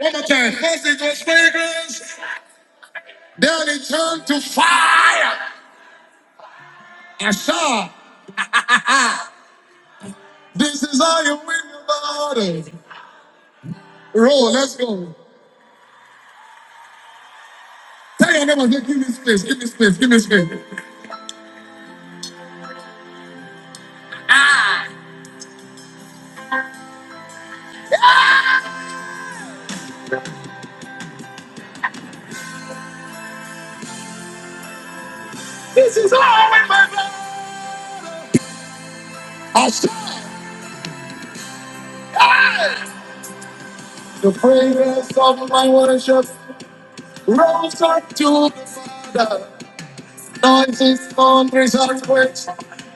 One more time. First it was fragrance, then it turned to fire. I saw this is how you win the Lord. Roll, let's go. Tell your neighbor, say, give me space, give me space, give me space. Ah, I saw ah, the fragrance of my worship rose up to the Father. Noises, thunders, earthquakes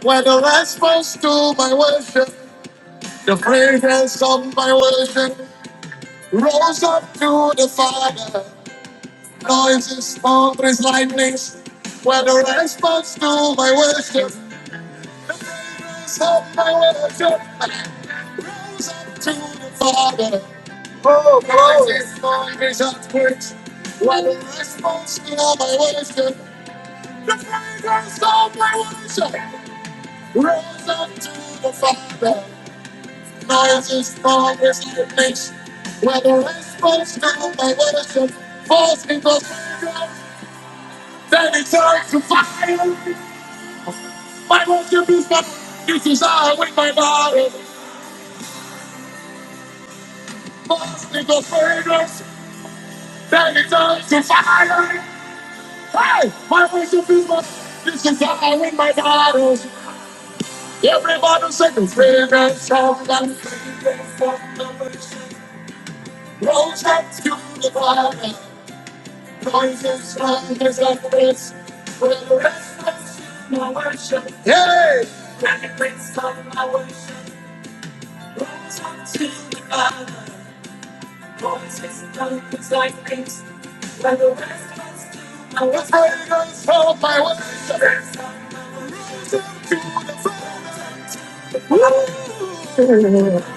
were the response to my worship. The fragrance of my worship Rose up to the Father. Noises, thunders, lightnings. Were the response to my worship. The fragrance of my worship. Rose up to the Father. Oh, noises, thunders, earthquakes. Were the response to my worship. The fragrance of my worship. Rose up to the Father. Miles as far as the place where the response goes now, my worship falls because then it turns to fire. My worship is my this is all with my body. Falls because fragrance, then it turns to fire. Hey, my worship is my this is all with my body. Everybody sing the fragrance of the fragrance of the worship. Rose up to the bottom. Voices from his office will rest. Yay! I was haters of my words. With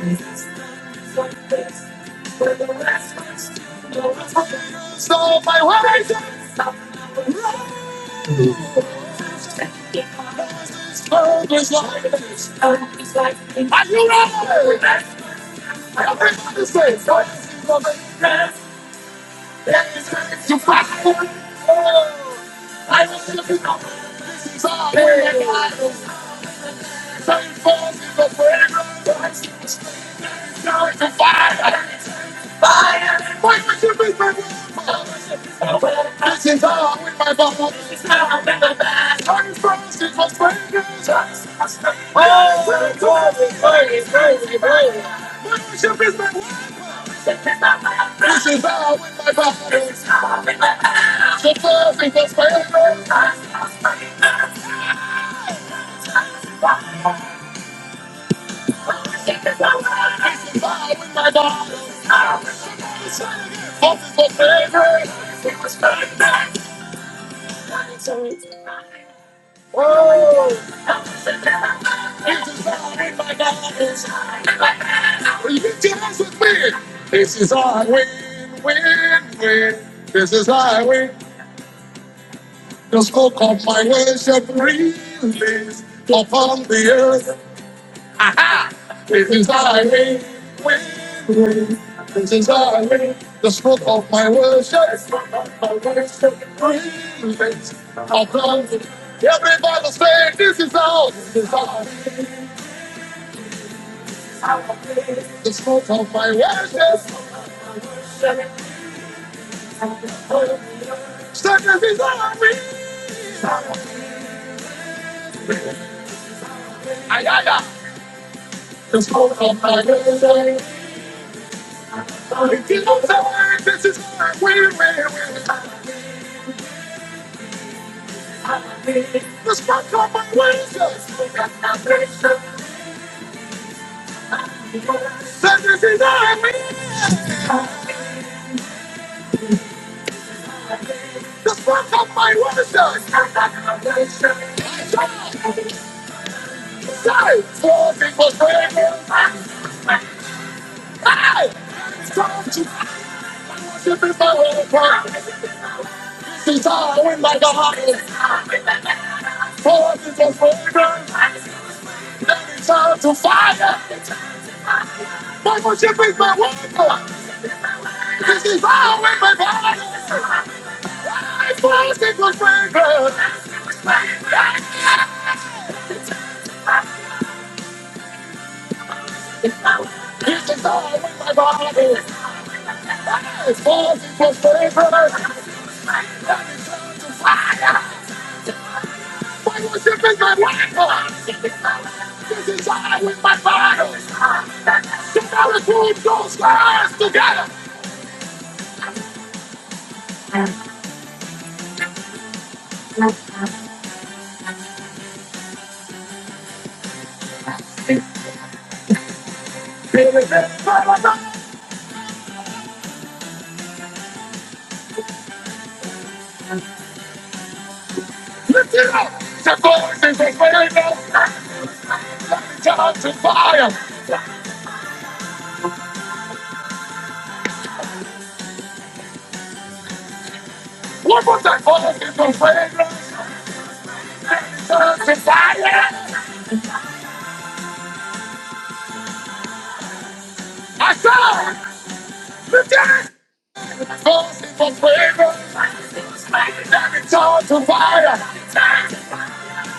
the rest, rest. no haters of my words. This world is like this. darkness. Are you ready? Everybody say, voices from his rest. There is grace to find. Oh, I will live in the darkness. Same force is a fragrant righteousness. Now it's a fire. and It's fire. Why would you be my woman? This is all with my bubble. This is how I'm in the past. Same force is a fragrance. Oh, boy. Worship is my weapon. This is all with my body. This is how. The first is the fragrance. This is how with my body. Hope is the fragrance. Oh. This is all with my body. If you dance with me, this is our win, win, win. This is our win. The smoke of my worship release upon the earth. Aha! This is our win, win, win. This is our win. The smoke of my worship, smoke of my worship release upon the earth. Everybody say, this is all. this is all. the smoke of my worship. Say, this is our win. Ayaya. The smoke of my way. I give up the way. This is my way, way, way. The smoke of my way. This is my way. The spark of my way. Say, four people's way. Hey! It's time to worship in my own power. Since I went like a hunter. For Four people's way. Turn to fire. Why would you bring my water? This is all in my body. I thought it was very good. This is all we my God is. As far as it was today, brother, that is turned to fire. Why was it in my life? This is I with my father. So now it's one goes for us together. Lift it up. The voice is a fragrance. Let me turn to fire. What was that voice is a fragrance? Let me turn to fire. I saw the dead falls in for favor. Every time to fire.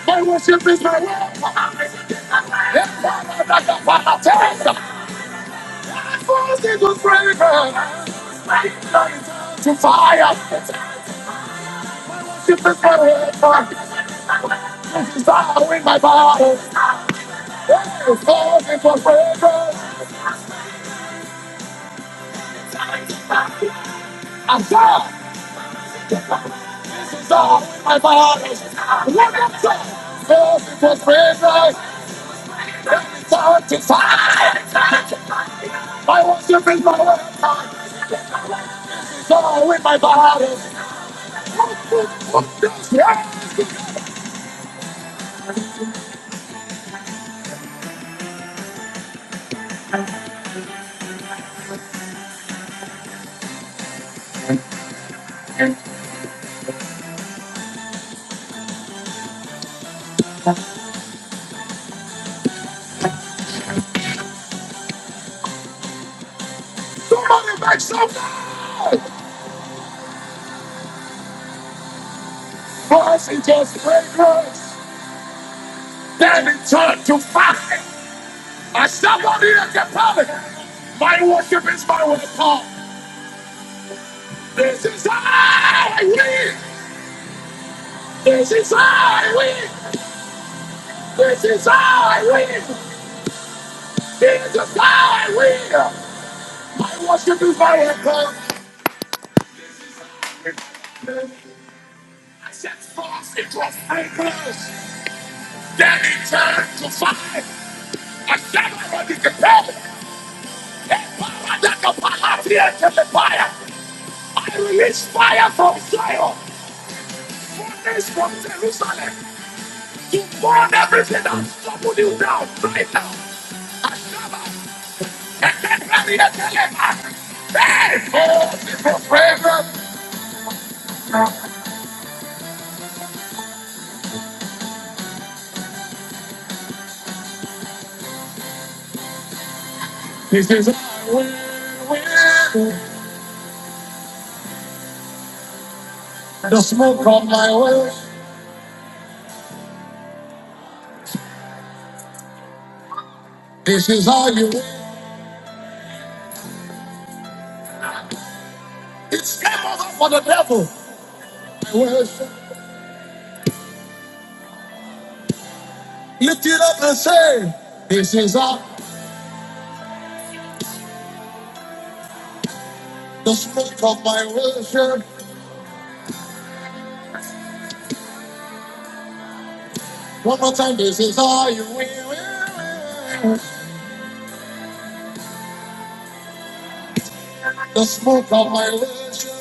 My worship is my weapon. Every time I knock up my test, it falls into favor. And it's all To fire. Worship is my weapon. This is fire in my body. It falls into favor. I saw. song and my heart is like a welcome song. Love for favor, turn to fire. My worship is my weapon. So with my body. Somebody make some noise. Voice is just fragrance. Then it turned to fire. I somebody in the public. My worship is my weapon. This is how I live. This is how I win. This is how I win. This is how I win. My worship is my weapon. I set forth into a fire Then it turned to fire. I set my shall not be compelled. Fire. I release fire from Zion, furnace from Jerusalem, to burn everything that's troubled you down right now. This is the smoke on my way. This is how you. It's came over for the devil. My worship. Lift it up and say, This is how the smoke of my worship. One more time, this is how you will. The smoke of my worship.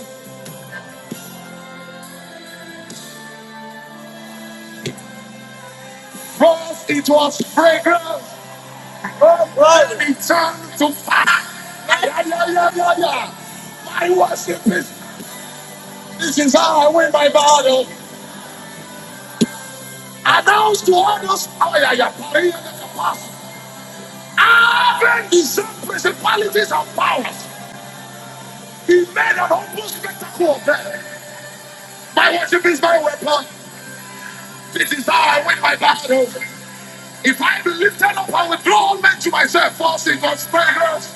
First, it was fragrance. Oh, God, return to fire. Yeah, yeah, yeah, yeah, yeah. My worship is, this is how I win my battle. Announce to others, oh, yeah, yeah, Paris, I haven't deserved principalities and powers. He made an humble spectacle of them. My worship is my weapon. This is how I win my battle. If I be lifted up, I will draw all men to myself, forcing God's presence.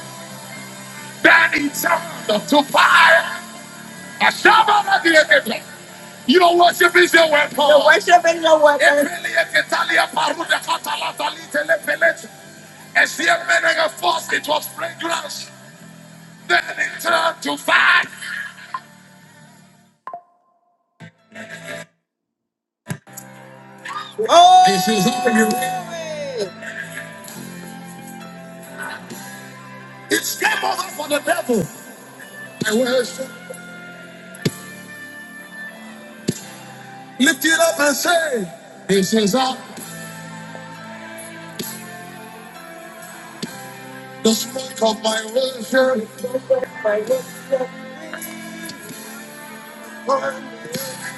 Then he turned to fire. You don't worship Israel where Paul. it was fragrance, then it turned to fire. This is how you It's game over for the devil. I worship. Lift it up and say, This is how the smoke of my worship.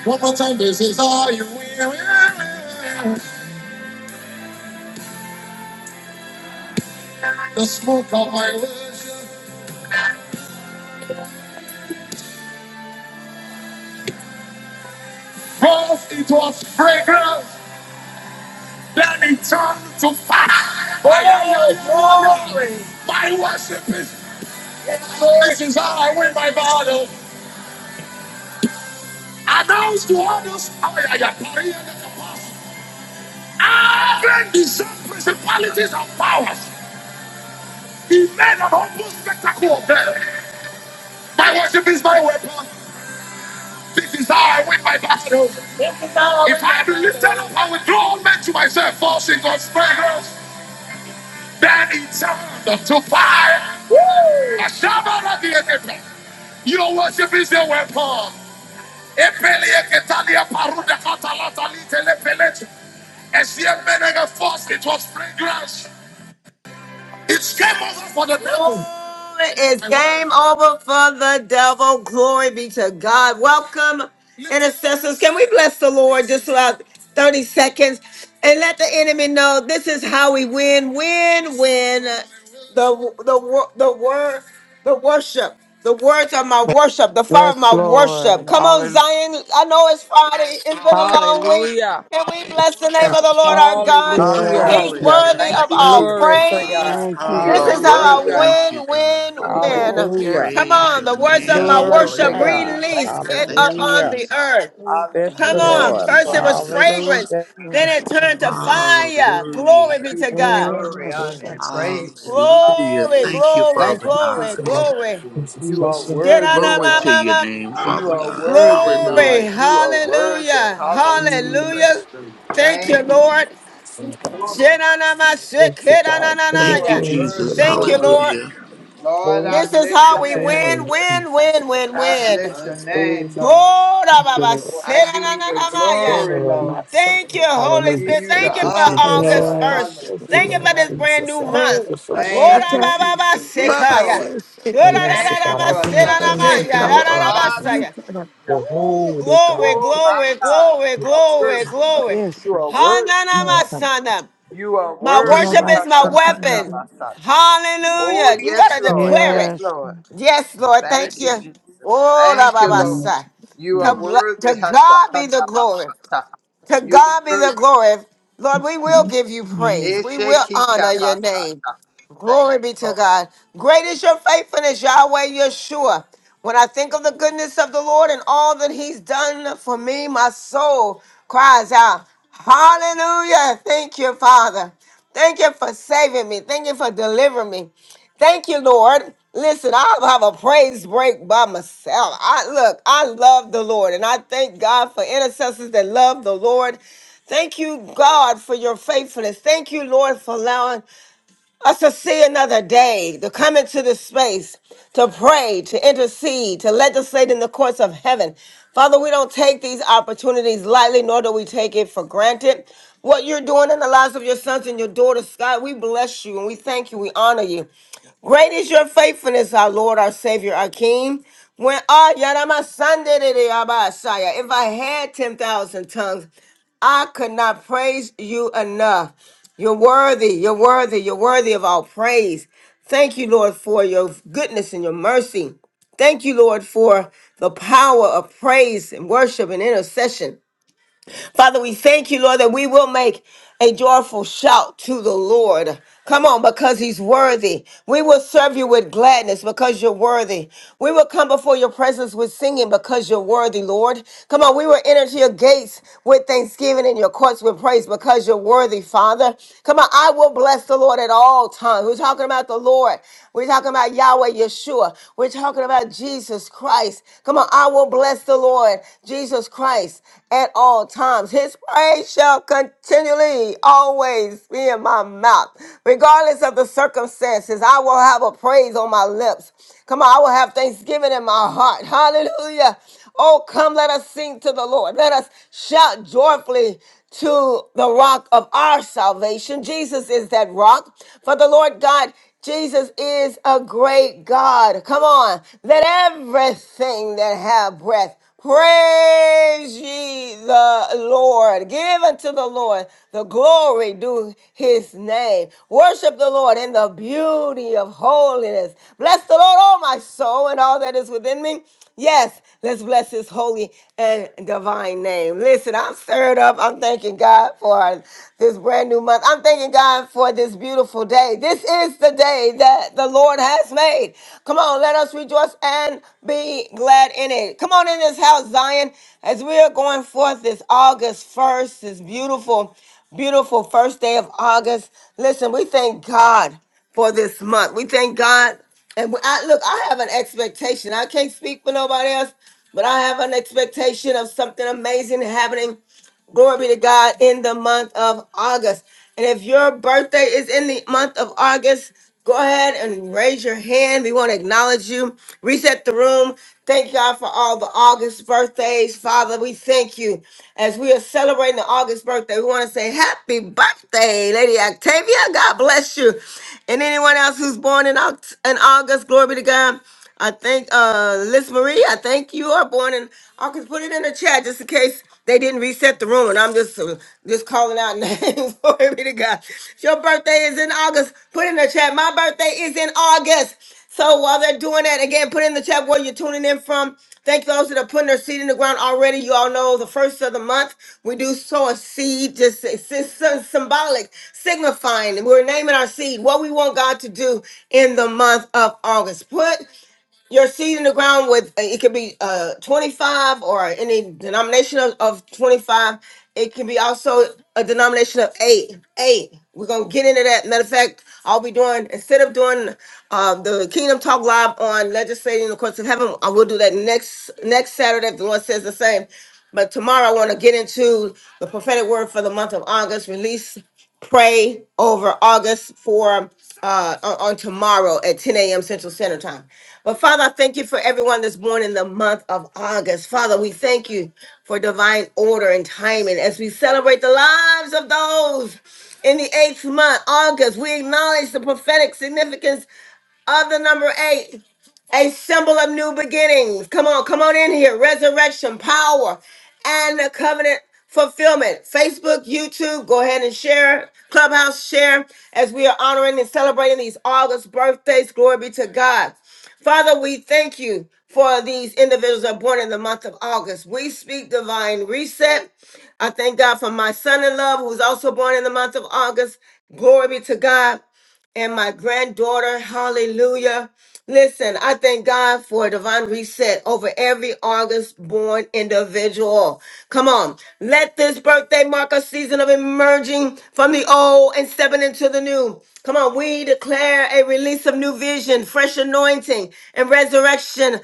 One more time, this is how you The smoke of my worship. First it was fragrance, then it turned to fire. Oh, yeah, yeah, glory. My worship is this is how I win my battle. Announce to others how I am carrying the past. Even deserve principalities and powers. He made an humble spectacle of them. My worship is my weapon. This is how I win my battle. I am lifted up and withdrawn men to myself, forcing God's fragrance. That eternal to fire. Woo! Ashabara diekete. You don't worship is your weapon. Epele eketalia paruda katalata lite lepelete. As the force, it was fragrance. It's game over for the devil. Oh, it's game over for the devil. Glory be to God. Welcome, intercessors. Can we bless the Lord just about 30 seconds and let the enemy know this is how we win, win, win. The the wor- the word, the worship, the words of my worship, the fire of Yes, my worship. Lord. Come on, Hallelujah. Zion. I know it's Friday. It's been a long week. Hallelujah. Can we bless the name of the Lord our God? Hallelujah. He's Yes. Hallelujah. worthy Hallelujah, Thank of you, all Glory Jesus. Shandalama. to God. praise. Thank you, You This are is Jesus. worthy, Hallelujah. how Lord. Hallelujah. Thank I win, you, God. Love win, you, Lord. Oh, win. Hallelujah. yes, Come Praise on, God. your the words of my name. God, Glory Love you, to worship God, Lord. Hallelujah. God. we release Thank say you. it thank Thank you, upon Hallelujah. the Jesus. earth. you. Bless Come the Thanks Hallelujah. to on, Thank Lord. you, You first are it was Spirit worthy, Jesus. fragrance, Hallelujah. Lord. I then Yes, it bless turned God. to your name. of fire. I Hallelujah. Glory be give to you God. Oh, my glory, honor, and Jesus. praises. Hallelujah. Glory, Hallelujah. Thank you, glory, Thank Father you, Jesus. glory, God. So your glory. is is You are blessing Mm, worthy, Glory Lord. to your Shit-a-na-ma-ma-ma. name, You Father are God. worthy, Glory, Lord. Hallelujah. You are worthy. hallelujah, mm, Hallelujah. hallelujah. Thank Thank and you, you, Jesus. Lord. blessings, God. Glory, hallelujah. Oh, it's the job in the You Thank you, are Shenanamashikeranananaya. appearance of Jesus. worthy, the Thank Lord you, is Lord. your Lord. Hallelujah. Lord, holy I This is bless how your we master name. win, name, win, Jesus. win, win, I win. bless your name, Praise you, Lord. thank you, Lord I give you the Jesus. Korababasheranananamaya. glory, Oh, my mm. Lord. son, Thank you, Holy Give hallelujah. Spirit. you the Thank Thank you you, for honor, Jesus. August Lord. 1st. Yes. Thank you, Thank you for Lord this Hallelujah. brand Jesus. new Thank month. you Oh, for my the love. Thank Thank you, shepherd. you for Jesus. your Yes, Baba, grace. Korabababasekaya. Lord. yes. it's- And it's a- mercy, Thank you God, I for give you another praise and Yes, day, give Dorararabasheranamaya. God. you Lord. honor. Yes, Rararabasaya. God. Hallelujah. The Woo! holy God, Glory, glory Oh, my glory, to God. you, glory, You are worthy, glory, Jesus. Lord. glory. Yes, God. Yes, You God. are worthy, Yes, Lord. Hananamasana. You are My worship worthy. God. is my Yes, Hashakanda weapon. God. Masata. Oh, Hallelujah. You got yes, to Lord. declare Yes, it. Yes, God. Lord. Yes, Lord. Thank Thank you, you. Jesus. Oh, la, Thank ba, you, ba, Mm-hmm. Lord. sa. You To, are bl- worthy, to God be the Hashakanda glory. Basata. To You are God be worthy. the glory. Lord, we will give you praise. We will honor Eshekika your name. Basata. Thank Glory you, be to Lord. God. Great is your faithfulness, Yahweh Yeshua. When I think of the goodness of the Lord and all that He's done for me, my soul cries out, Hallelujah. Thank you, Father. Thank you for saving me. Thank you for delivering me. Thank you, Lord. Listen, I'll have a praise break by myself. I look, I love the Lord, and I thank God for intercessors that love the Lord. Thank you, God, for your faithfulness. Thank you, Lord, for allowing us to see another day, to come into this space, to pray, to intercede, to legislate in the courts of heaven. Father, we don't take these opportunities lightly, nor do we take it for granted. What you're doing in the lives of your sons and your daughters, God, we bless you and we thank you. We honor you. Great is your faithfulness, our Lord, our Savior, our King. When ah Yarama Sunday de de Abasaya, if I had ten thousand tongues, I could not praise you enough. You're worthy, you're worthy, you're worthy of all praise. Thank you, Lord, for your goodness and your mercy. Thank you, Lord, for the power of praise and worship and intercession. Father, we thank you, Lord, that we will make a joyful shout to the Lord. Come on, because he's worthy. We will serve you with gladness because you're worthy. We will come before your presence with singing because you're worthy, Lord. Come on, we will enter to your gates with thanksgiving and your courts with praise because you're worthy, Father. Come on, I will bless the Lord at all times. We're talking about the Lord. We're talking about Yahweh Yeshua. We're talking about Jesus Christ. Come on, I will bless the Lord, Jesus Christ, at all times. His praise shall continually always be in my mouth. Regardless of the circumstances, I will have a praise on my lips. Come on, I will have thanksgiving in my heart. Hallelujah. Oh, come, let us sing to the Lord. Let us shout joyfully to the rock of our salvation. Jesus is that rock. For the Lord God, Jesus is a great God. Come on, let everything that have breath Praise ye the Lord. Give unto the Lord the glory due his name. Worship the Lord in the beauty of holiness. Bless the Lord, all my soul, and all that is within me. Yes, let's bless his holy and divine name. Listen, I'm stirred up. I'm thanking God for this brand new month. I'm thanking God for this beautiful day. This is the the day that the Lord has made. Come on, let us rejoice and be glad in it. Come on in this house, Zion, as we are going forth this August 1st, this beautiful, beautiful first day of August. Listen, we thank God for this month. We thank God. And I, look, I have an expectation. I can't speak for nobody else, but I have an expectation of something amazing happening Glory be to God in the month of August. And if your birthday is in the month of August, go ahead and raise your hand. We want to acknowledge you. Reset the room. Thank God for all the August birthdays. Father, we thank you. As we are celebrating the August birthday, we want to say happy birthday, Lady Octavia. God bless you. And anyone else who's born in, Oct- in August, glory be to God. I think uh Liz Marie, I think you are born in August. Put it in the chat just in case they didn't reset the room, and I'm just uh, just calling out names. Glory be to God. If Your birthday is in August. Put in the chat. My birthday is in August. So while they're doing that, again, put in the chat where you're tuning in from. Thank those that are putting their seed in the ground already. You all know the first of the month we do sow a seed, just it's, it's so symbolic, signifying, and we're naming our seed what we want God to do in the month of August. Put your seed in the ground with uh, it could be uh 25 or any denomination of, of 25 it can be also a denomination of eight eight we're gonna get into that matter of fact i'll be doing instead of doing um the kingdom talk live on legislating the courts of heaven i will do that next next saturday if the lord says the same but tomorrow i want to get into the prophetic word for the month of august release pray over August for uh, on on tomorrow at 10 a.m. Central Standard Time. But Father, I thank you for everyone that's born in the month of August. Father, we thank you for divine order and timing as we celebrate the lives of those in the eighth month, August. We acknowledge the prophetic significance other number eight, a symbol of new beginnings. Come on, come on in here. Resurrection, power, and the covenant fulfillment. Facebook, YouTube, go ahead and share. Clubhouse, share as we are honoring and celebrating these August birthdays. Glory be to God. Father, we thank you for these individuals that are born in the month of August. We speak divine reset. I thank God for my son in love who's also born in the month of August. Glory be to God and my granddaughter. Hallelujah. Listen, I thank God for a divine reset over every August born individual. Come on. Let this birthday mark a season of emerging from the old and stepping into the new. Come on. We declare a release of new vision, fresh anointing, and resurrection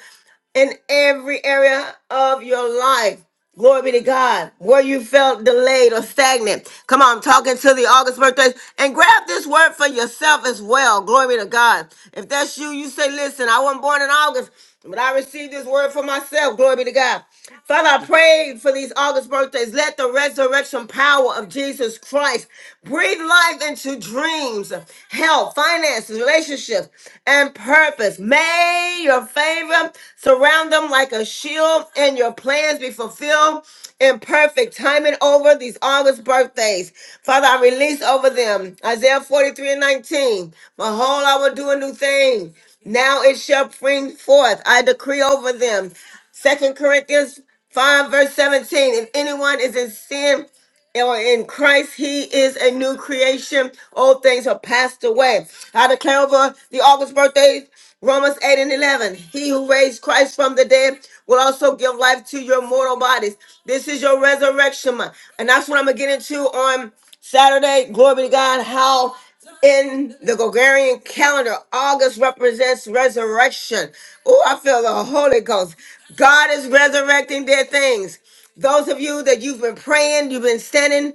in every area of your life. Glory be to God. Where you felt delayed or stagnant. Come on, I'm talking to the August birthdays. And grab this word for yourself as well. Glory be to God. If that's you, you say, listen, I wasn't born in August, but I received this word for myself. Glory be to God. Father, I pray for these August birthdays. Let the resurrection power of Jesus Christ breathe life into dreams, health, health, finances, relationships, and purpose. May your favor surround them like a shield and your plans be fulfilled in perfect timing over these August birthdays. Father, I release over them Isaiah 43 and 19. Behold, I will do a new thing. Now it shall spring forth. I decree over them. Second Corinthians 5 verse 17. If anyone is in sin, or in Christ, He is a new creation. Old things are passed away. I declare over the August birthdays, Romans 8 and 11. He who raised Christ from the dead will also give life to your mortal bodies. This is your resurrection month. And that's what I'm going to get into on Saturday. Glory be to God. How in the Gregorian calendar, August represents resurrection. Oh, I feel the Holy Ghost. God is resurrecting dead things. Those of you that you've been praying, you've been standing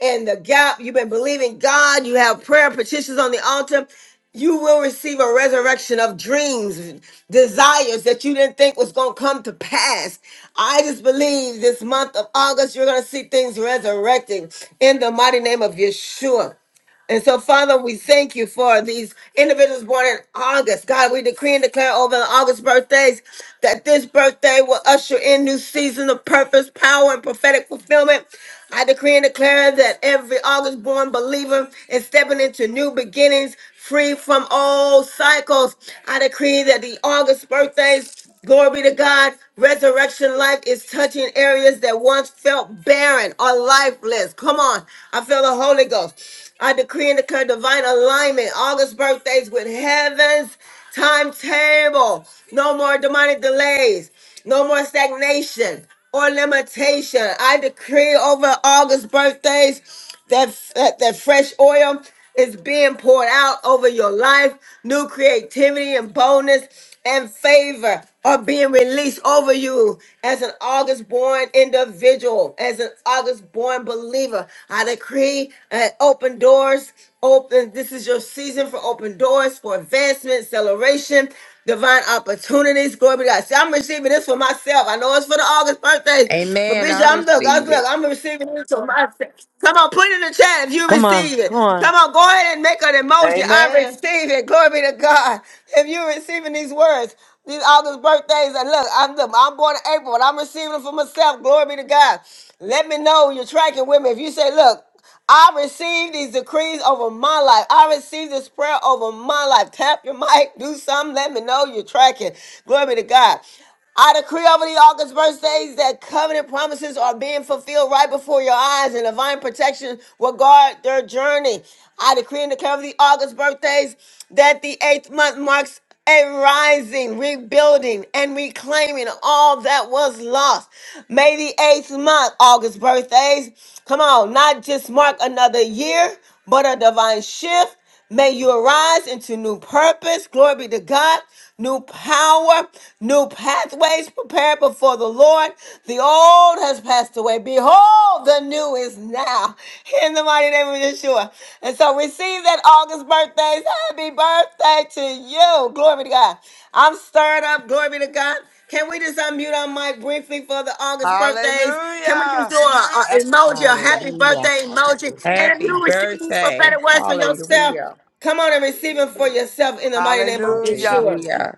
in the gap, you've been believing God, you have prayer petitions on the altar, you will receive a resurrection of dreams, desires that you didn't think was going to come to pass. I just believe this month of August, you're going to see things resurrecting in the mighty name of Yeshua. And so, Father, we thank you for these individuals born in August. God, we decree and declare over the August birthdays that this birthday will usher in new season of purpose, power, and prophetic fulfillment. I decree and declare that every August born believer is stepping into new beginnings, free from old cycles. I decree that the August birthdays Glory be to God. Resurrection life is touching areas that once felt barren or lifeless. Come on. I feel the Holy Ghost. I decree and declare divine alignment. August birthdays with heaven's timetable. No more demonic delays. No more stagnation or limitation. I decree over August birthdays that, that, that fresh oil is being poured out over your life. New creativity and boldness and favor are being released over you as an August born individual, as an August born believer. I decree uh, open doors. Open. This is your season for open doors, for advancement, celebration divine opportunities. Glory be to God. See, I'm receiving this for myself. I know it's for the August birthdays, but Amen. bitch, I I'm look, I'm receive look, it. I'm receiving. this. Come on, put it in the chat if you Come on, receive it. come on. Come on, go ahead and make an emoji. I Amen. receive it. Glory be to God. If you're receiving these words, these August birthdays, and look, I'm look, I'm born in April, and I'm receiving them for myself. Glory be to God. Let me know you're tracking with me. If you say, look, I receive these decrees over my life. I receive this prayer over my life. Tap your mic, do something. Let me know you're tracking. Glory be to God. I decree over the August birthdays that covenant promises are being fulfilled right before your eyes and divine protection will guard their journey. I decree and declare over the August birthdays that the eighth month marks a rising, rebuilding, and reclaiming all that was lost. May the eighth month, August birthdays, come on, not just mark another year, but a divine shift May you arise into new purpose. Glory be to God. New power, new pathways prepared before the Lord. The old has passed away. Behold, the new is now. In the mighty name of Yeshua. And so receive that August birthdays. Happy birthday to you. Glory be to God. I'm stirred up. Glory be to God. Can we just unmute our mic briefly for the August birthdays? Can we just Hallelujah. do a, a Happy emoji, a birthday. happy Hallelujah. birthday Happy emoji? And if Happy you receive these birthday. prophetic words for yourself, Hallelujah. come on and receive them Mm. for yourself in the mighty name of Hallelujah. Yeshua. Hallelujah.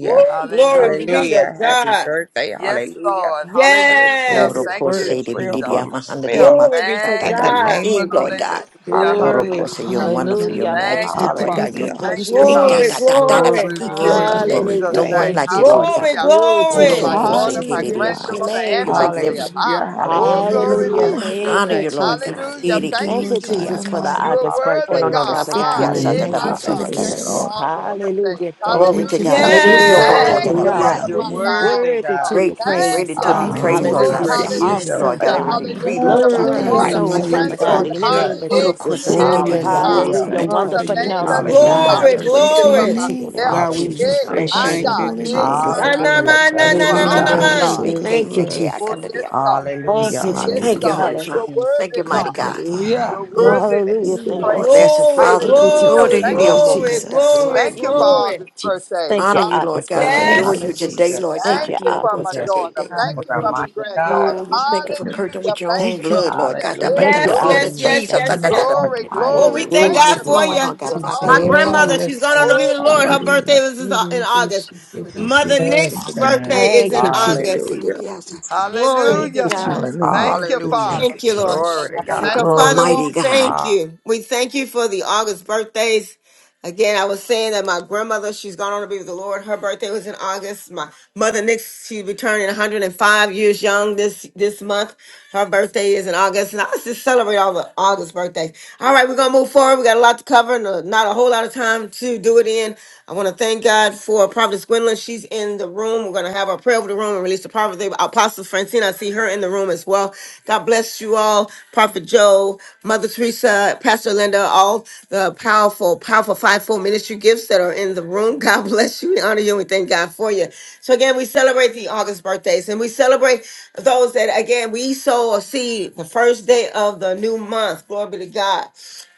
Woo, glory be Hallelujah. to Hallelujah. Happy God. birthday. Yes, Hallelujah. Lord. I Hallelujah. receive Oro Yes, this Thank word you, and kose de prayer Jesus. for bididia mahandadia myself glory be matata. to da in Thank da. the you, God. name Lord. Sing, of Lord Jesus. God. Hallelujah. Oro Hallelujah. Glory. kose, you're Hallelujah. wonderful, Hallelujah. your Hallelujah. Thank Thank majesty, you, you, Happy Lord God. birthday, You're Father. Jesus. Hallelujah. Thank Bless August you, your great, God. da Glory, name. da babies. da da I da, glory, Glory, receive bakiki it glory, in Happy okate. glory. Hallelujah. No Jesus' one birthday. Thank name. you. Thank like you, you, Lord Father. Jesus. glory, God. Hallelujah. I Glory receive to it from your Thank Oso my you, glory. name, kose daughter, Father, for my Jesus. their Hallelujah. kiridia Bless your granddaughter, lives. masata. name, and You're Jesus. myself. magnificent, Hallelujah. Lord Ah, God. oh, Hallelujah. glory Hallelujah. be Ooh, Hallelujah. to I your Thank honor you, Hallelujah. name. you, Lord Jesus. God. Great Hallelujah. Iri Thank you, Thank kiri Thank you, you, Lord God Jesus. expectations, Jesus, for the kikiaka. You Father. Almighty. are August Oh, worthy, no, no, birthdays, no. God. Hallelujah. Father Ha, God, Sikia in the yeah, sata da name Thank Hallelujah. my you of for the God. basata da Jesus. Thank da Yes, Hallelujah. you for dia. gifts. Bless Lord. the August Lord of my birthdays. Hallelujah. Thank Glory you, Thank to you soul. for God. Hallelujah. the Jesus. Iri You're Hallelujah, rio gifts. Lord. boka Yes, Thank da worthy, da you Glory. for Hallelujah. basata. God. the You're Thank month of Hallelujah. worthy, August, Worthy God. to God. you, be Great We Jesus. and s- Thank greated praised, you. to God. be Thank you Oh, for praised, the Hallelujah. Lord. Oh, I God, Hallelujah. we Great gifts. You're is bless receive, your Lord. I thy awesome, got hallelujah, holy God. everything, faithfulness. name. Lord. hallelujah, You my Lover God, of that are our it Hallelujah. Thank it daughter, you, my soul, is, righteous. You Father. Father oh are God, my. granddaughter, in the ha, Thank name of just. Lord. shake, Jesus. Oh, Olokosike, de yes, buta. Lord. Hallelujah. Hallelujah. diabasata In Thank Hallelujah. you for the unto Wonderful your you, name we are of Hallelujah. counselor, goodness Jesus, filled and your I God. Hallelujah. with glory, your Glory mercy. receive working. to it your for Glory glory. to your name. name, myself. In God, we Hallelujah. Jesus. Jesus' just Hey, say mighty Bless my your Bless name, your thank name, you God. holy this Hey, morning. name. Jesus. God, Na I Olotootooto, na Hallelujah. thank na you. na You Thank na You've are na Olokosike, you, Hallelujah! na de de been You're na. an de God. awesome, better de ma. de, than God. awesome make good God. it, Thank you, to make it, I us, Jesus. Oh, come to Lord. yes, the altar. God. You're Thank Hallelujah. you, Yes, so Jesus. Thank you, Hallelujah. good. God. Holy You Hallelujah. Father. are Yes, Thank you, worthy, Mighty Good, God. good God. Hallelujah. Father. You're Ooh, Hallelujah. worthy to Hallelujah. Thank be you, Thank the you, Lord. praised. blessing, Jesus. Glory, Worthy Father. Thank you, to birthday. be Hallelujah. praised. Jesus. glory, Olokosike, de Thank Thank you, you, Glory to your glory, Jesus. name, diabasata. Jesus. Glory glory, Jesus. Thank you to your for name. Hallelujah. Glory to your Hallelujah. Thank name, all glory. Lord you, these God. Jesus. birthdays. Thank you, Honor you, Lord August Hallelujah, God. Adore Yes, Thank birthdays. Jesus. you, you today, Hallelujah. Jesus. Lord Thank Thank God. you, you Dio for my August kote Hallelujah. birthdays. ke daughter. de. Thank Mm, What you a for my mighty Hallelujah, God. granddaughter. Oh, you we thank you for mm, serve. purging Hallelujah. with your Thank own you Thank for you. Lord. blood, Lord myself. God. Da- ba- thank Hey, Thank da- you Hallelujah. you, The yes, so blood glory. of yes, August much. yes, Jesus. Da- yes, da- birthdays. mm. da- yes. da- ba- Glory, da- da. Oh, glory. we Almighty, thank Glory Thank Perpetually God to you, for your mighty. flowing, name, Father. you. Lord God, You're of our Jesus. My behalf, awesome, Bless Lord Oh, God. grandmother, you. God. she's yes, gone on to sir. be with Oh, the God. Lord. Her Hallelujah. birthday was is in August. Da- Mother da- Yes, da- Nick's da- da- da- da- da- da- birthday sir. is Thank in you, Jesus. Thank you, da- da- August. Jesus. da- Hallelujah. da- outside that. Glory be Thank to you, Hallelujah. God. Jesus. Hallelujah. Thank Thank you, you, Jesus. Hallelujah. Thank Father. you, Thank you, Lord. Jesus. Glory to And God. so, Hallelujah. Thank you, Glory Father, be we Lord. Mighty to God. God. thank Ha- you. We thank you for the August birthdays. Again, I was saying that my grandmother, she's gone on to be with the Lord. Her birthday was in August. My mother, Nix, she'll be turning 105 years young this this month. Her birthday is in August. And I was just celebrate all the August birthdays. All right, we're going to move forward. We got a lot to cover and uh, not a whole lot of time to do it in. I want to thank God for Prophetess Gwendolyn. She's in the room. We're going to have our prayer over the room and release the prophet. Apostle Francine, I see her in the room as well. God bless you all. Prophet. Joe, Mother Teresa, Pastor Linda, all the powerful, powerful fivefold ministry gifts that are in the room. God bless you. We honor you and we thank God for you. So again, we celebrate the August birthdays and we celebrate those that again we sow a seed the first day of the new month. Glory be to God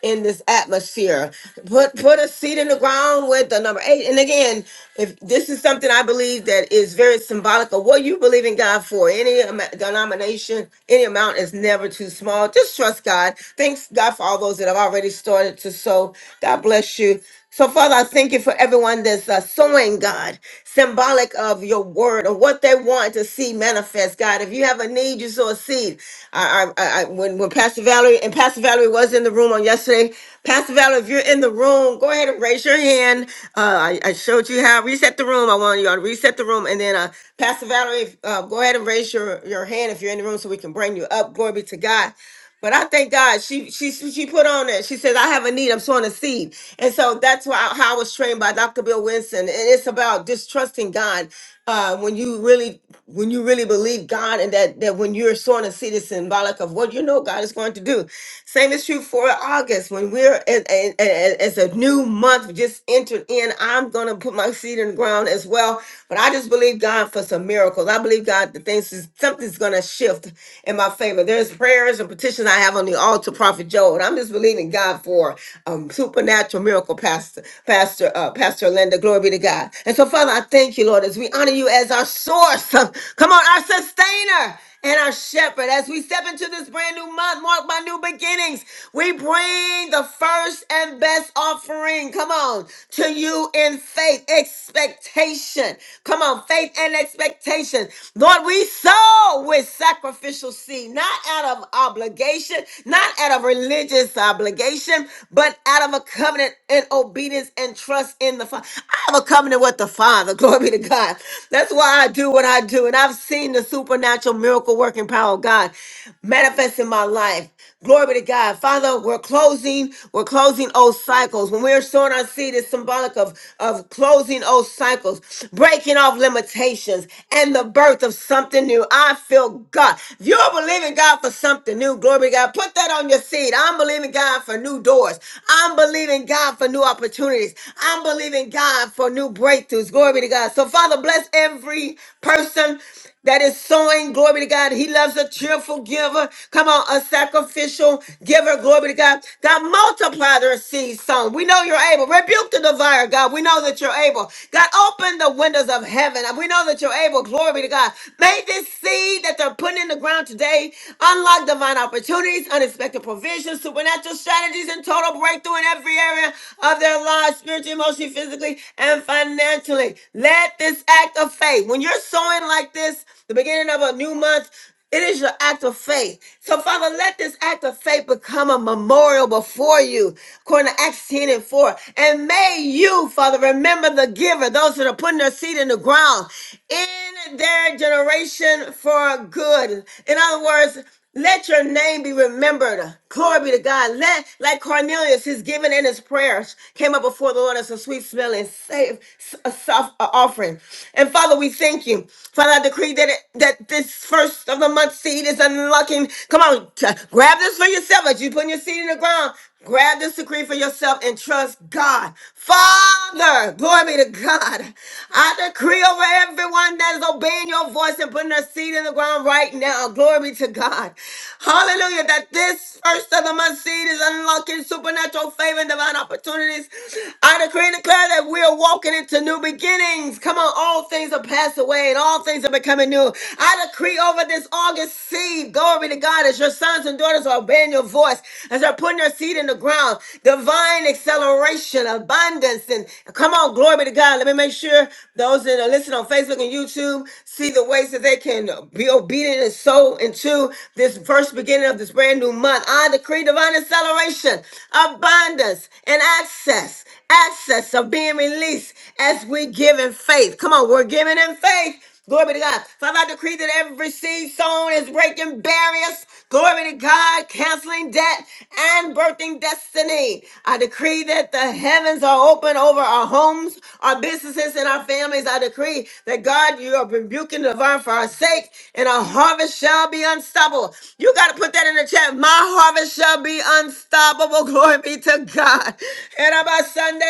in this atmosphere. Put put a seed in the ground with the number eight. And again, if this is something I believe that is very symbolic of what you believe in God for, any am- denomination, any amount is never too small. Just trust God. Thanks God for all those that have already started to sow. God bless you. So, Father, I thank you for everyone that's uh, sowing, God, symbolic of your word or what they want to see manifest, God. If you have a need, you sow a seed. I, I, I, I- when, when Pastor Valerie and Pastor Valerie was in the room on yesterday, Pastor Valerie, if you're in the room, go ahead and raise your hand. Uh, I, I showed you how reset the room. I want you all to reset the room, and then uh, Pastor Valerie, uh, go ahead and raise your your hand if you're in the room, so we can bring you up. Glory be to God. But I thank God she she she put on it. She says, "I have a need. I'm sowing a seed," and so that's why how I was trained by Dr. Bill Winston. And it's about distrusting God uh, when you really when you really believe God, and that that when you're sowing a seed, it's symbolic of what you know God is going to do. Same is true for August when we're as, as, as a new month just entered in. I'm going to put my seed in the ground as well. But I just believe God for some miracles. I believe God that things is something's going to shift in my favor. There's prayers and petitions petition I have on the altar, Prophet Joel. And I'm just believing God for um, supernatural miracle, Pastor, Pastor, uh, Pastor Linda. Glory be to God. And so, Father, I thank you, Lord, as we honor you as our source. Come on, our sustainer and our shepherd. As we step into this brand new month marked by new beginnings, we bring the first and best offering, come on, to you in faith, expectation. Come on, faith and expectation. Lord, we sow with sacrificial seed, not out of obligation obligation, not out of religious obligation, but out of a covenant and obedience and trust in the Father. I have a covenant with the Father. Glory be to God. That's why I do what I do. And I've seen the supernatural miracle working power of God manifest in my life. Glory be to God. Father, we're closing, we're closing old cycles. When we're sowing our seed, it's symbolic of, of closing old cycles, breaking off limitations, and the birth of something new. I feel God. You're believing God for something new. Glory be Glory, God. Put that on your seed. I'm believing God for new doors. I'm believing God for new opportunities. I'm believing God for new breakthroughs. Glory be to God. So, Father, bless every person that is sowing. Glory to God. He loves a cheerful giver. Come on, a sacrificial giver. Glory to God. God, multiply their seed sown. We know you're able. Rebuke the devourer, God. We know that you're able. God, open the windows of heaven. We know that you're able. Glory be to God. May this seed that they're putting in the ground today unlock divine opportunities opportunities, unexpected provisions, supernatural strategies, and total breakthrough in every area of their lives, spiritually, emotionally, physically, and financially. Let this act of faith, when you're sowing like this, the beginning of a new month, it is your act of faith. So, Father, let this act of faith become a memorial before you, according to Acts 10 and 4. And may you, Father, remember the giver, those that are putting their seed in the ground in their generation for good. In other words, let your name be remembered. Glory be to God. Let, like Cornelius, his giving and his prayers came up before the Lord as a sweet smelling, safe, a soft uh, offering. And Father, we thank you. Father, I decree that it, that this first of the month seed is unlocking. Come on, t- grab this for yourself as you put your seed in the ground. Grab this decree for yourself and trust God. Father, glory be to God. I decree over everyone that is obeying your voice and putting their seed in the ground right now. Glory be to God. Hallelujah. That this first of the month seed is unlocking supernatural favor and divine opportunities. I decree and declare that we are walking into new beginnings. Come on, all things are passed away and all things are becoming new. I decree over this August seed. Glory be to God as your sons and daughters are obeying your voice voice as they're putting their seed in the ground. Divine acceleration, abundance, and come on, glory be to God. Let me make sure those that are listening on Facebook and YouTube see the ways that they can be obedient and sow into this first beginning of this brand new month. I decree divine acceleration, abundance, and access, access of being released as we give in faith. Come on, we're giving in faith Glory be to God. Father, I decree that every seed sown is breaking barriers. Glory be to God, canceling debt and birthing destiny. I decree that the heavens are open over our homes, our businesses, and our families. I decree that God, you are rebuking the vine for our sake, and our harvest shall be unstoppable. You got to put that in the chat. My harvest shall be unstoppable. Glory be to God. And I'm a Sunday,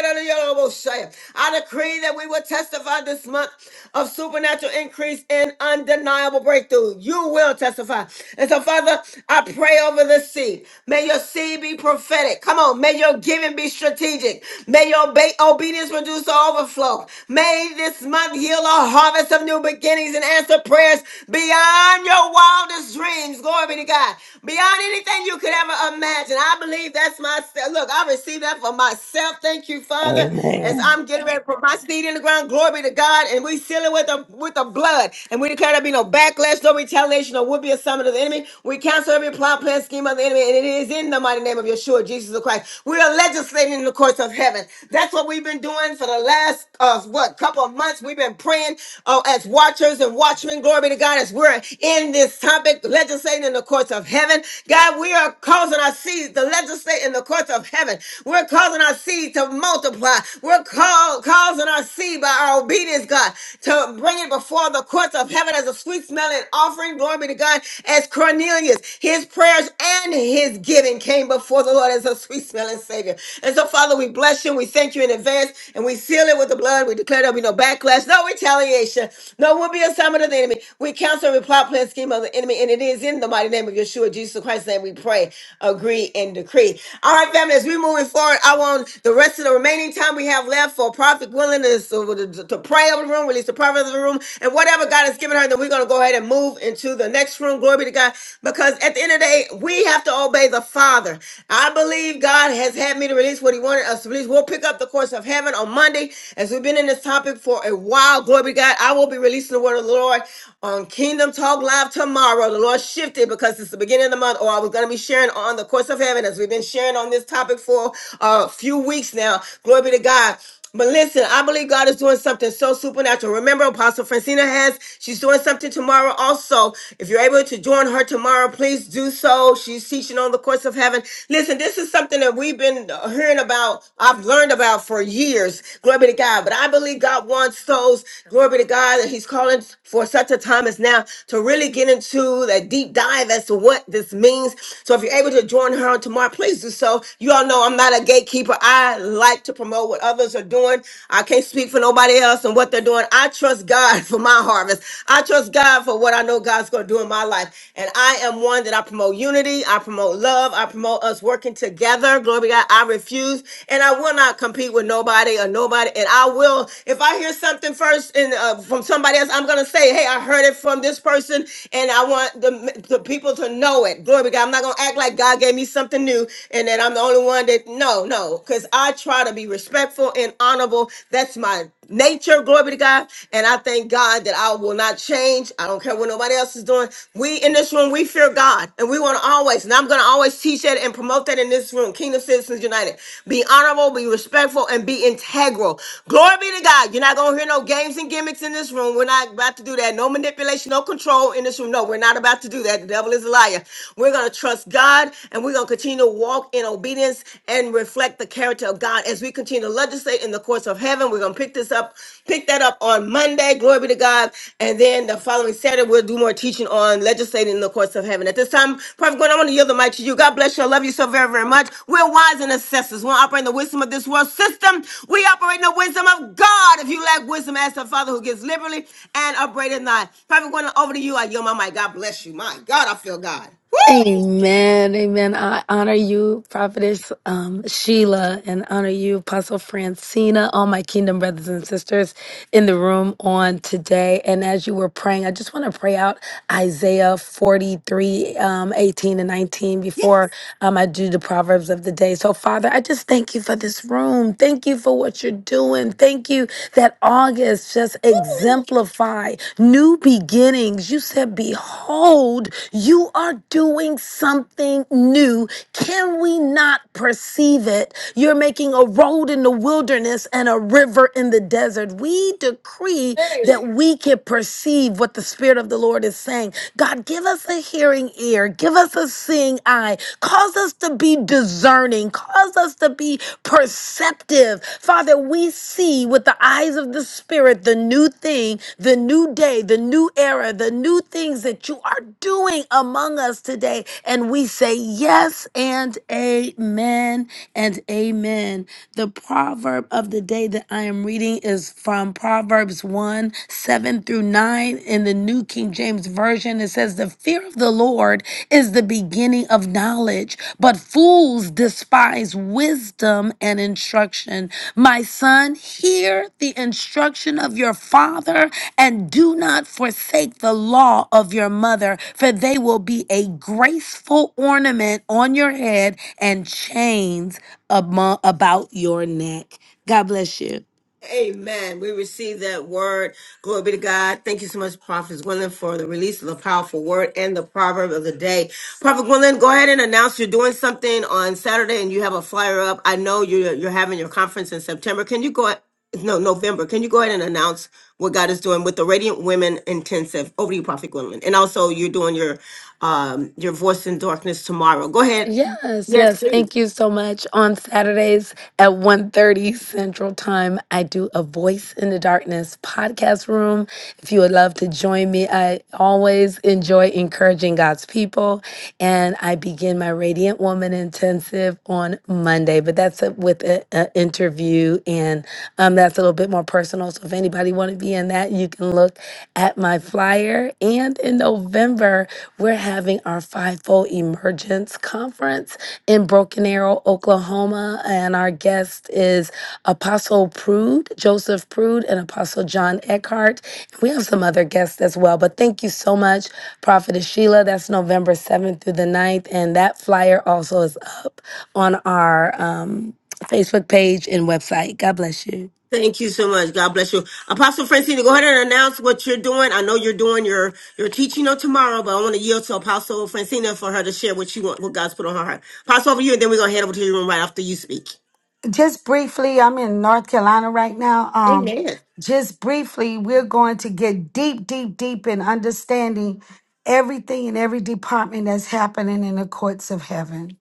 I decree that we will testify this month of supernatural increase and undeniable breakthrough. You will testify. And so, Father, I pray over the seed. May your seed be prophetic. Come on. May your giving be strategic. May your ba- obedience produce overflow. May this month heal a harvest of new beginnings and answer prayers beyond your wildest dreams. Glory be to God. Beyond anything you could ever imagine. I believe that's my look. I received that for myself. Thank you, Father, Amen. as I'm getting ready to put my seed in the ground done. Glory be to God. And we seal it with the with the blood. And we declare there be no backlash, no retaliation, or would be a summit of the enemy. We cancel every plot, plan, scheme of the enemy. And it is in the mighty name of Yeshua, Jesus the Christ. We are legislating in the courts of heaven. That's what we've been doing for the last uh what couple of months. We've been praying uh, as watchers and watchmen. Glory be to God. As we're in this topic, legislating in the courts of heaven. God, we are causing our seeds to legislate in the courts of heaven. We're causing our seed to multiply. We're called out, causing our seed by our obedience, God, to bring it before the courts of heaven as a sweet smelling offering. Glory be to God. As Cornelius, his prayers and his giving came before the Lord as a sweet smelling Savior. And so, Father, we bless you and we thank you in advance and we seal it with the blood. We declare there'll be no backlash, no retaliation, no will be assignment of the enemy. We cancel and reply plan scheme of the enemy, and it is in the mighty name of Yeshua, Jesus Christ's name, we pray, agree, and decree. All right, family, as we're moving forward, I want the rest of the remaining time time we have left for prophet willingness to, to, to pray over the room, release the prophet of the room, and whatever God has given her, then we're going to go ahead and move into the next room. Glory be to God. Because at the end of the day, we have to obey the Father. I believe God has had me to release what He wanted us to release. We'll pick up the course of heaven on Monday as we've been in this topic for a while. Glory be to God. I will be releasing the word of the Lord on Kingdom Talk Live tomorrow. The Lord shifted because it's the beginning of the month, or I was going to be sharing on the course of heaven as we've been sharing on this topic for a few few weeks now. Glory be to God. But listen, I believe God is doing something so supernatural. Remember, Apostle Francina has, she's doing something tomorrow also. If you're able to join her tomorrow, please do so. She's teaching on the course of heaven. Listen, this is something that we've been uh, hearing about, I've learned about for years. Glory be to God. But I believe God wants those, glory be to God, that He's calling for such a time as now to really get into that deep dive as to what this means. So if you're able to join her on tomorrow, please do so. You all know know I'm not a gatekeeper. I like to promote what others are doing. I can't speak for nobody else and what they're doing. I trust God for my harvest. I trust God for what I know God's going to do in my life. And I am one that I promote unity. I promote love. I promote us working together. Glory be to God. I refuse and I will not compete with nobody or nobody. And I will, if I hear something first and uh, from somebody else, I'm going to say, hey, I heard it from this person and I want the, the people to know it. Glory be to God. I'm not going to act like God gave me something new and that I'm the only one that no, no, because I try to be respectful and honorable. That's my nature. Glory be to God. And I thank God that I will not change. I don't care what nobody else is doing. We in this room, we fear God, and we want to always. And I'm going to always teach that and promote that in this room. Kingdom Citizens United. Be honorable, be respectful, and be integral. Glory be to God. You're not going to hear no games and gimmicks in this room. We're not about to do that. No manipulation, no control in this room. No, we're not about to do that. The devil is a liar. We're going to trust God and we're going to continue to walk in obedience and reflect the character of God as we continue to legislate in the courts of heaven. We're going to pick this up, pick that up on Monday. Glory be to God. And then the following Saturday, we'll do more teaching on legislating in the courts of heaven. At this time, Prophet Gordon, I want to yield the mic to you. God bless you. I love you so very, very much. We're wise and assessors. We don't operate in the wisdom of this world system. We operate in the wisdom of God. If you lack wisdom, ask the Father who gives liberally and upbraideth not. Prophet Gordon, over to you. I yield my mic. God bless you. My God, I feel God. Woo! Amen. Amen. I honor you, Prophetess um, Sheila, and honor you, Apostle Francina, all my kingdom brothers and sisters in the room on today. And as you were praying, I just want to pray out Isaiah 43, um, 18 and 19 before um, I do the Proverbs of the day. So, Father, I just thank you for this room. Thank you for what you're doing. Thank you that August just exemplify new beginnings. You said, Behold, you are doing something new. Can we not perceive it? You're making a road in the wilderness and a river in the desert. We decree that we can perceive what the Spirit of the Lord is saying. God, give us a hearing ear, give us a seeing eye, cause us to be discerning, cause us to be perceptive. Father, we see with the eyes of the Spirit the new thing, the new day, the new era, the new things that you are doing among us today. And we say yes and amen and amen. The proverb of the day that I am reading is from Proverbs 1 7 through 9 in the New King James Version version, it says, The fear of the Lord is the beginning of knowledge, but fools despise wisdom and instruction. My son, hear the instruction of your father and do not forsake the law of your mother, for they will be a graceful ornament on your head and chains among, about your neck. God bless you. Amen. We receive that word. Glory be to God. Thank you so much, Prophet Gwendolyn, for the release of the powerful word and the proverb of the day. Prophet Gwendolyn, go ahead and announce you're doing something on Saturday and you have a flyer up. I know you're you're having your conference in September. Can you go a- no November? Can you go ahead and announce what God is doing with the Radiant Women Intensive? Over to you, Prophet Gwendolyn. And also you're doing your um your voice in darkness tomorrow. Go ahead Yes, yes. Thank you so much. On Saturdays at one thirty Central Time, I do a Voice in the Darkness podcast room. If you would love to join me, I always enjoy encouraging God's people, and I begin my Radiant Woman intensive on Monday, but that's a, with an interview and um, that's a little bit more personal. So if anybody want to be in that, you can look at my flyer. And in November, we're having our fivefold emergence Conference in Broken Arrow, Oklahoma. And our guest is Apostle Prude, Joseph Prude, and Apostle John Eckhart. We have some other guests as well, but thank you so much, Prophetess Sheila. That's November 7th through the ninth, And that flyer also is up on our um, Facebook page and website. God bless you. Thank you so much. God bless you. Apostle Francina, go ahead and announce what you're doing. I know you're doing your, your teaching on tomorrow, but I want to yield to Apostle Francina for her to share what she want, what God's put on her heart. Apostle over to you, and then we're going to head over to your room right after you speak. just briefly, I'm in North Carolina right now. Um, Amen. just briefly, we're going to get deep, deep, deep in understanding everything in every department that's happening in the courts of heaven.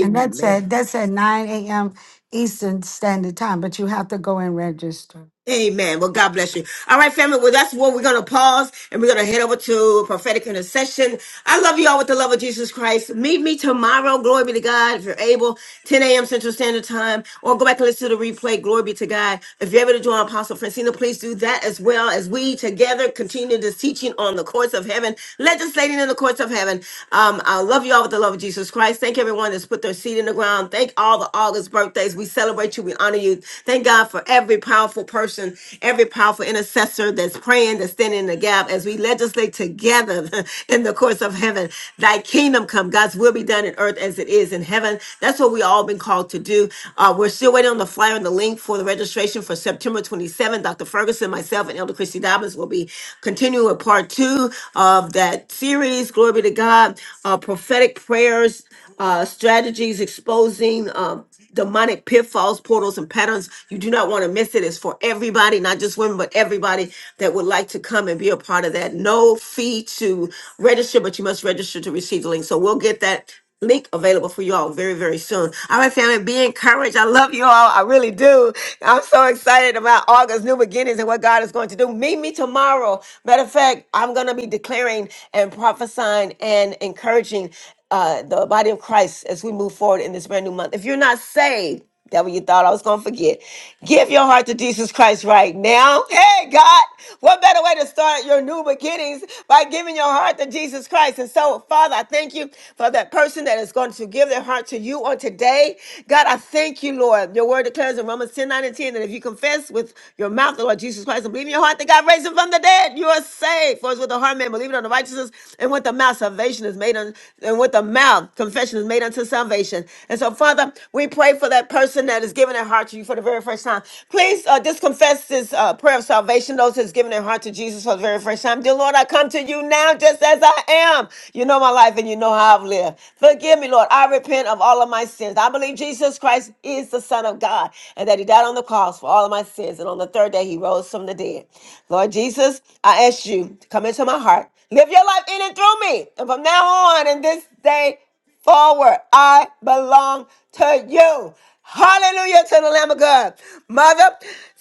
And that's at that's at 9 a.m. Eastern Standard Time, but you have to go and register. Amen. Well, God bless you. All right, family. Well, that's where we're going to pause and we're going to head over to prophetic intercession. I love you all with the love of Jesus Christ. Meet me tomorrow. Glory be to God. If you're able, 10 a.m. Central Standard Time, or go back and listen to the replay. Glory be to God. If you're able to join Apostle Francina, please do that as well as we together continue this teaching on the courts of heaven, legislating in the courts of heaven. Um, I love you all with the love of Jesus Christ. Thank everyone that's put their seed in the ground. Thank all the August birthdays. We celebrate you. We honor you. Thank God for God, for every powerful person, every powerful intercessor that's praying, that's standing in the gap as we legislate together in the courts of heaven. Thy kingdom come, God's will be done in earth as it is in heaven. That's what we all been called to do. Uh, we're still waiting on the flyer and the link for the registration for September 27. Dr. Ferguson, myself, and Elder Christy Dobbins will be continuing with part two of that series. Glory be to God. Uh, prophetic prayers, uh, strategies exposing. Um, demonic pitfalls, portals, and patterns. You do not want to miss it. It's for everybody, not just women, but everybody that would like to come and be a part of that. No fee to register, but you must register to receive the link. So we'll get that link available for you all very, very soon. All right, family, be encouraged. I love you all. I really do. I'm so excited about August, new beginnings, and what God is going to do. Meet me tomorrow. Matter of fact, I'm going to be declaring and prophesying and encouraging uh, the body of Christ as we move forward in this this brand new month. If you're not saved, devil, you thought I was going to forget. Give your heart to Jesus Christ right now. Hey, God, what better way to start your new beginnings by giving your heart to Jesus Christ? And so, Father, I thank you for that person that is going to give their heart to you on today. God, I thank you, Lord. Your word declares in Romans 10 9 and 10 that if you confess with your mouth the Lord Jesus Christ and believe in your heart that God raised him from the dead, you are saved. For it's with the heart man believing on the righteousness and with the mouth salvation is made, un- and with the mouth confession is made unto unto salvation. And so, Father, we pray for that person that is giving their heart to you for the very first time. Please uh, just confess this uh, prayer of salvation, those that's giving their heart to Jesus for the very first time. Dear Lord, I come to you now just as I am. You know my life and you know how I've lived. Forgive me, Lord. I repent of all of my sins. I believe Jesus Christ is the Son of God and that He died on the cross for all of my sins. And on the third day, He rose from the dead. Lord Jesus, I ask you to come into my heart. Live your life in and through me. And from now on, in this day, forward. I belong to you. Hallelujah to the Lamb of God. Mother,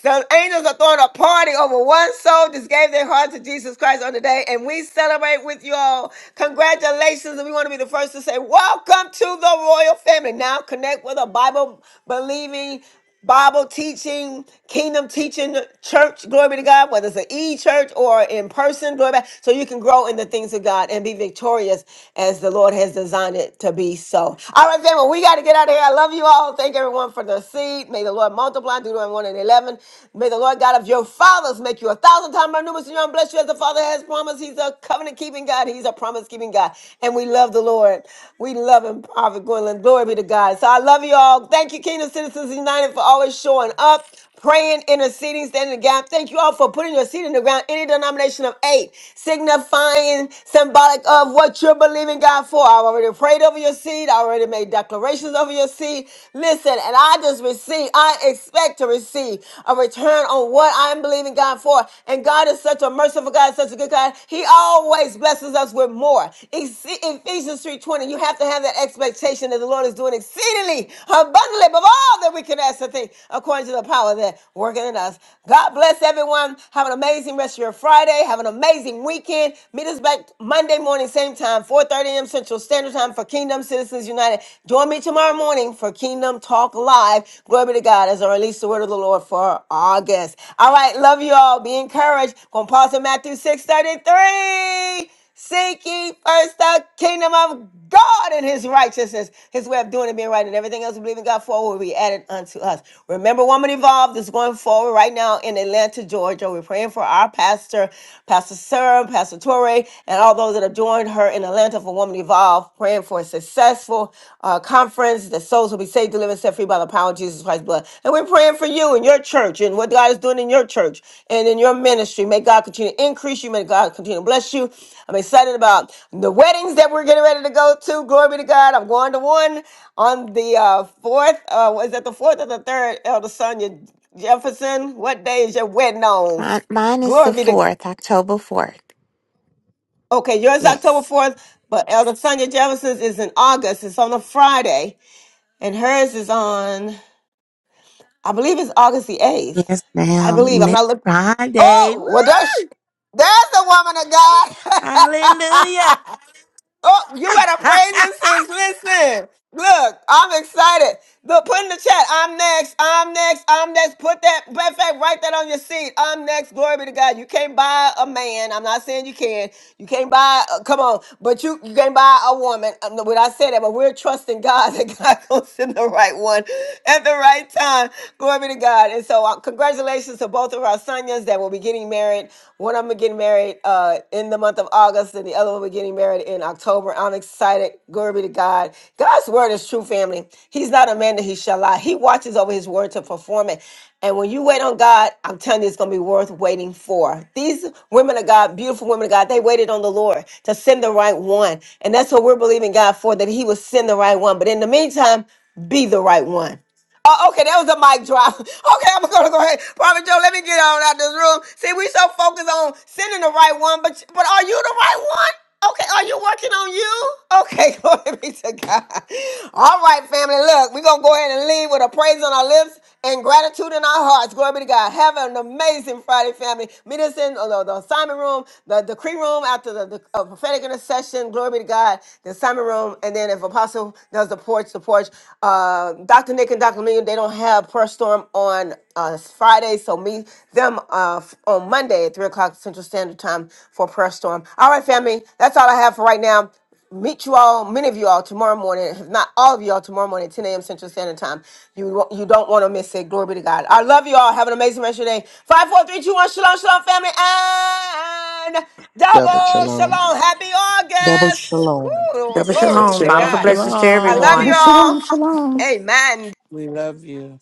the angels are throwing a party over one soul that gave their heart to Jesus Christ on the day, and we celebrate with you all. Congratulations, and we want to be the first to say, Welcome to the royal family. Now connect with a Bible believing. Bible teaching, kingdom teaching, church, glory be to God, whether it's an e church or in person, glory be So you can grow in the things of God and be victorious as the Lord has designed it to be so. All right, family, we got to get out of here. I love you all. Thank everyone for the seed. May the Lord multiply, Deuteronomy 1 and 11. May the Lord God of your fathers make you a thousand times more numerous and young. Bless you as the Father has promised. He's a covenant keeping God, He's a promise keeping God. And we love the Lord. Lord. We love him, Prophet Gwendolyn. Glory be to God. So I love you all. Thank you, Kingdom Citizens United, for always showing up, praying, interceding, standing in the gap. Thank you all for putting your seed in the ground, any denomination of eight, signifying, symbolic of what you're believing God for. I already prayed over your seed. I already made declarations over your seed. Listen, and I just receive, I expect to receive a return on what I'm believing God for. And God is such a a merciful God, such a good God. He always blesses us with more. Ex- Ephesians 3.20, you have to have that expectation that the Lord is doing exceedingly abundantly above all that we can ask or think, according to the power that working in us. God bless everyone. Have an amazing rest of your Friday. Have an amazing weekend. Meet us back Monday morning, same time, 4.30 a.m. Central Standard Time for Kingdom Citizens United. Join me tomorrow morning for Kingdom Talk Live. Glory be to God of God as I release the word of the Lord for August. All right, love you all. Be encouraged. Going to pause in Matthew 6.33. Seek ye first the kingdom of God and his righteousness. His way of doing it being right and everything else we believe in God for will be added unto us. Remember, Woman Evolved is going forward right now in Atlanta, Georgia. We're praying for our pastor, Pastor Sarah, Pastor Torrey, and all those that have joined her in Atlanta for Woman Evolved off praying for a successful uh, conference The souls will be saved, delivered, and set free by the power of Jesus Christ's blood. And we're praying for you and your church and what God is doing in your church and in your ministry. May God continue to increase you. May God continue to bless you. I'm excited about the weddings that we're getting ready to go to. Glory be to God. I'm going to one on the uh, fourth. Uh, was that the fourth or the third, Elder Sonia Jefferson? What day is your wedding on? Mine, mine is the Glory be to 4th, October 4th. Okay, yours is Yes. October 4th, but Elder Sonia Jefferson's is in August. It's on a Friday, and hers is on, I believe it's August the 8th. Yes, I ma'am. believe. I'm Next not looking. Friday. Oh, Woo! well, there's, there's the woman of God. Hallelujah. Oh, you better praise him since listen. Look, I'm excited. Look, put in the chat. I'm next. I'm next. I'm next. Put that matter of fact, write that on your seat. I'm next. Glory be to God. You can't buy a man. I'm not saying you can. You can't buy. uh, come on, but you you can't buy a woman. Um, When I say that, but we're trusting God that God gonna send the right one at the right time. Glory be to God. And so, uh, congratulations to both of our sons that will be getting getting married. One of them are getting married uh, in the month of August, and the other one we're getting married in October. I'm excited. Glory be to God. God's word is true, family. He's not a man that he shall lie. He watches over his word to perform it. And when you wait on God, I'm telling you, it's going to be worth waiting for. These women of God, beautiful women of God, they waited on the Lord to send the right one. And that's what we're believing God for, that He will send the right one. But in the meantime, be the right one. Oh, okay, that was a mic drop. Okay, I'm gonna go ahead. Prophet Joe, let me get on out this room. See, we so focused on sending the right one, but but are you the right one? Okay, are you working on you? Okay, glory be to God. All right, family. Look, we're gonna go ahead and leave with a praise on our lips and gratitude in our hearts. Glory be to God. Have an amazing Friday, family. Meet us in uh, the, the assignment room, the decree room after the, the uh, prophetic intercession. Glory be to God. The assignment room, and then if Apostle does the porch, the porch. Uh, Dr. Nick and Dr. 1000000 they don't have Prayer Storm on uh, Friday, so meet them uh, f- on Monday at 3 o'clock Central Standard Time for Prayer Storm. All right, family, that's all I have for right now. Meet you all, many of you all, tomorrow morning, if not all of you all, tomorrow morning, at 10 a.m. Central Standard Time. You, won't- you don't want to miss it. Glory be to God. I love you all. Have an amazing rest of your day. Five, four, three, two, one. Shalom, shalom, family. And Shabbat double Shalom. shalom. Happy Double August. shalom. Woo, Double glory be shalom. to Shalom, Bountiful God. blessings to I shalom. love everyone. you Shabbat shalom, all. shalom. Amen. We love you.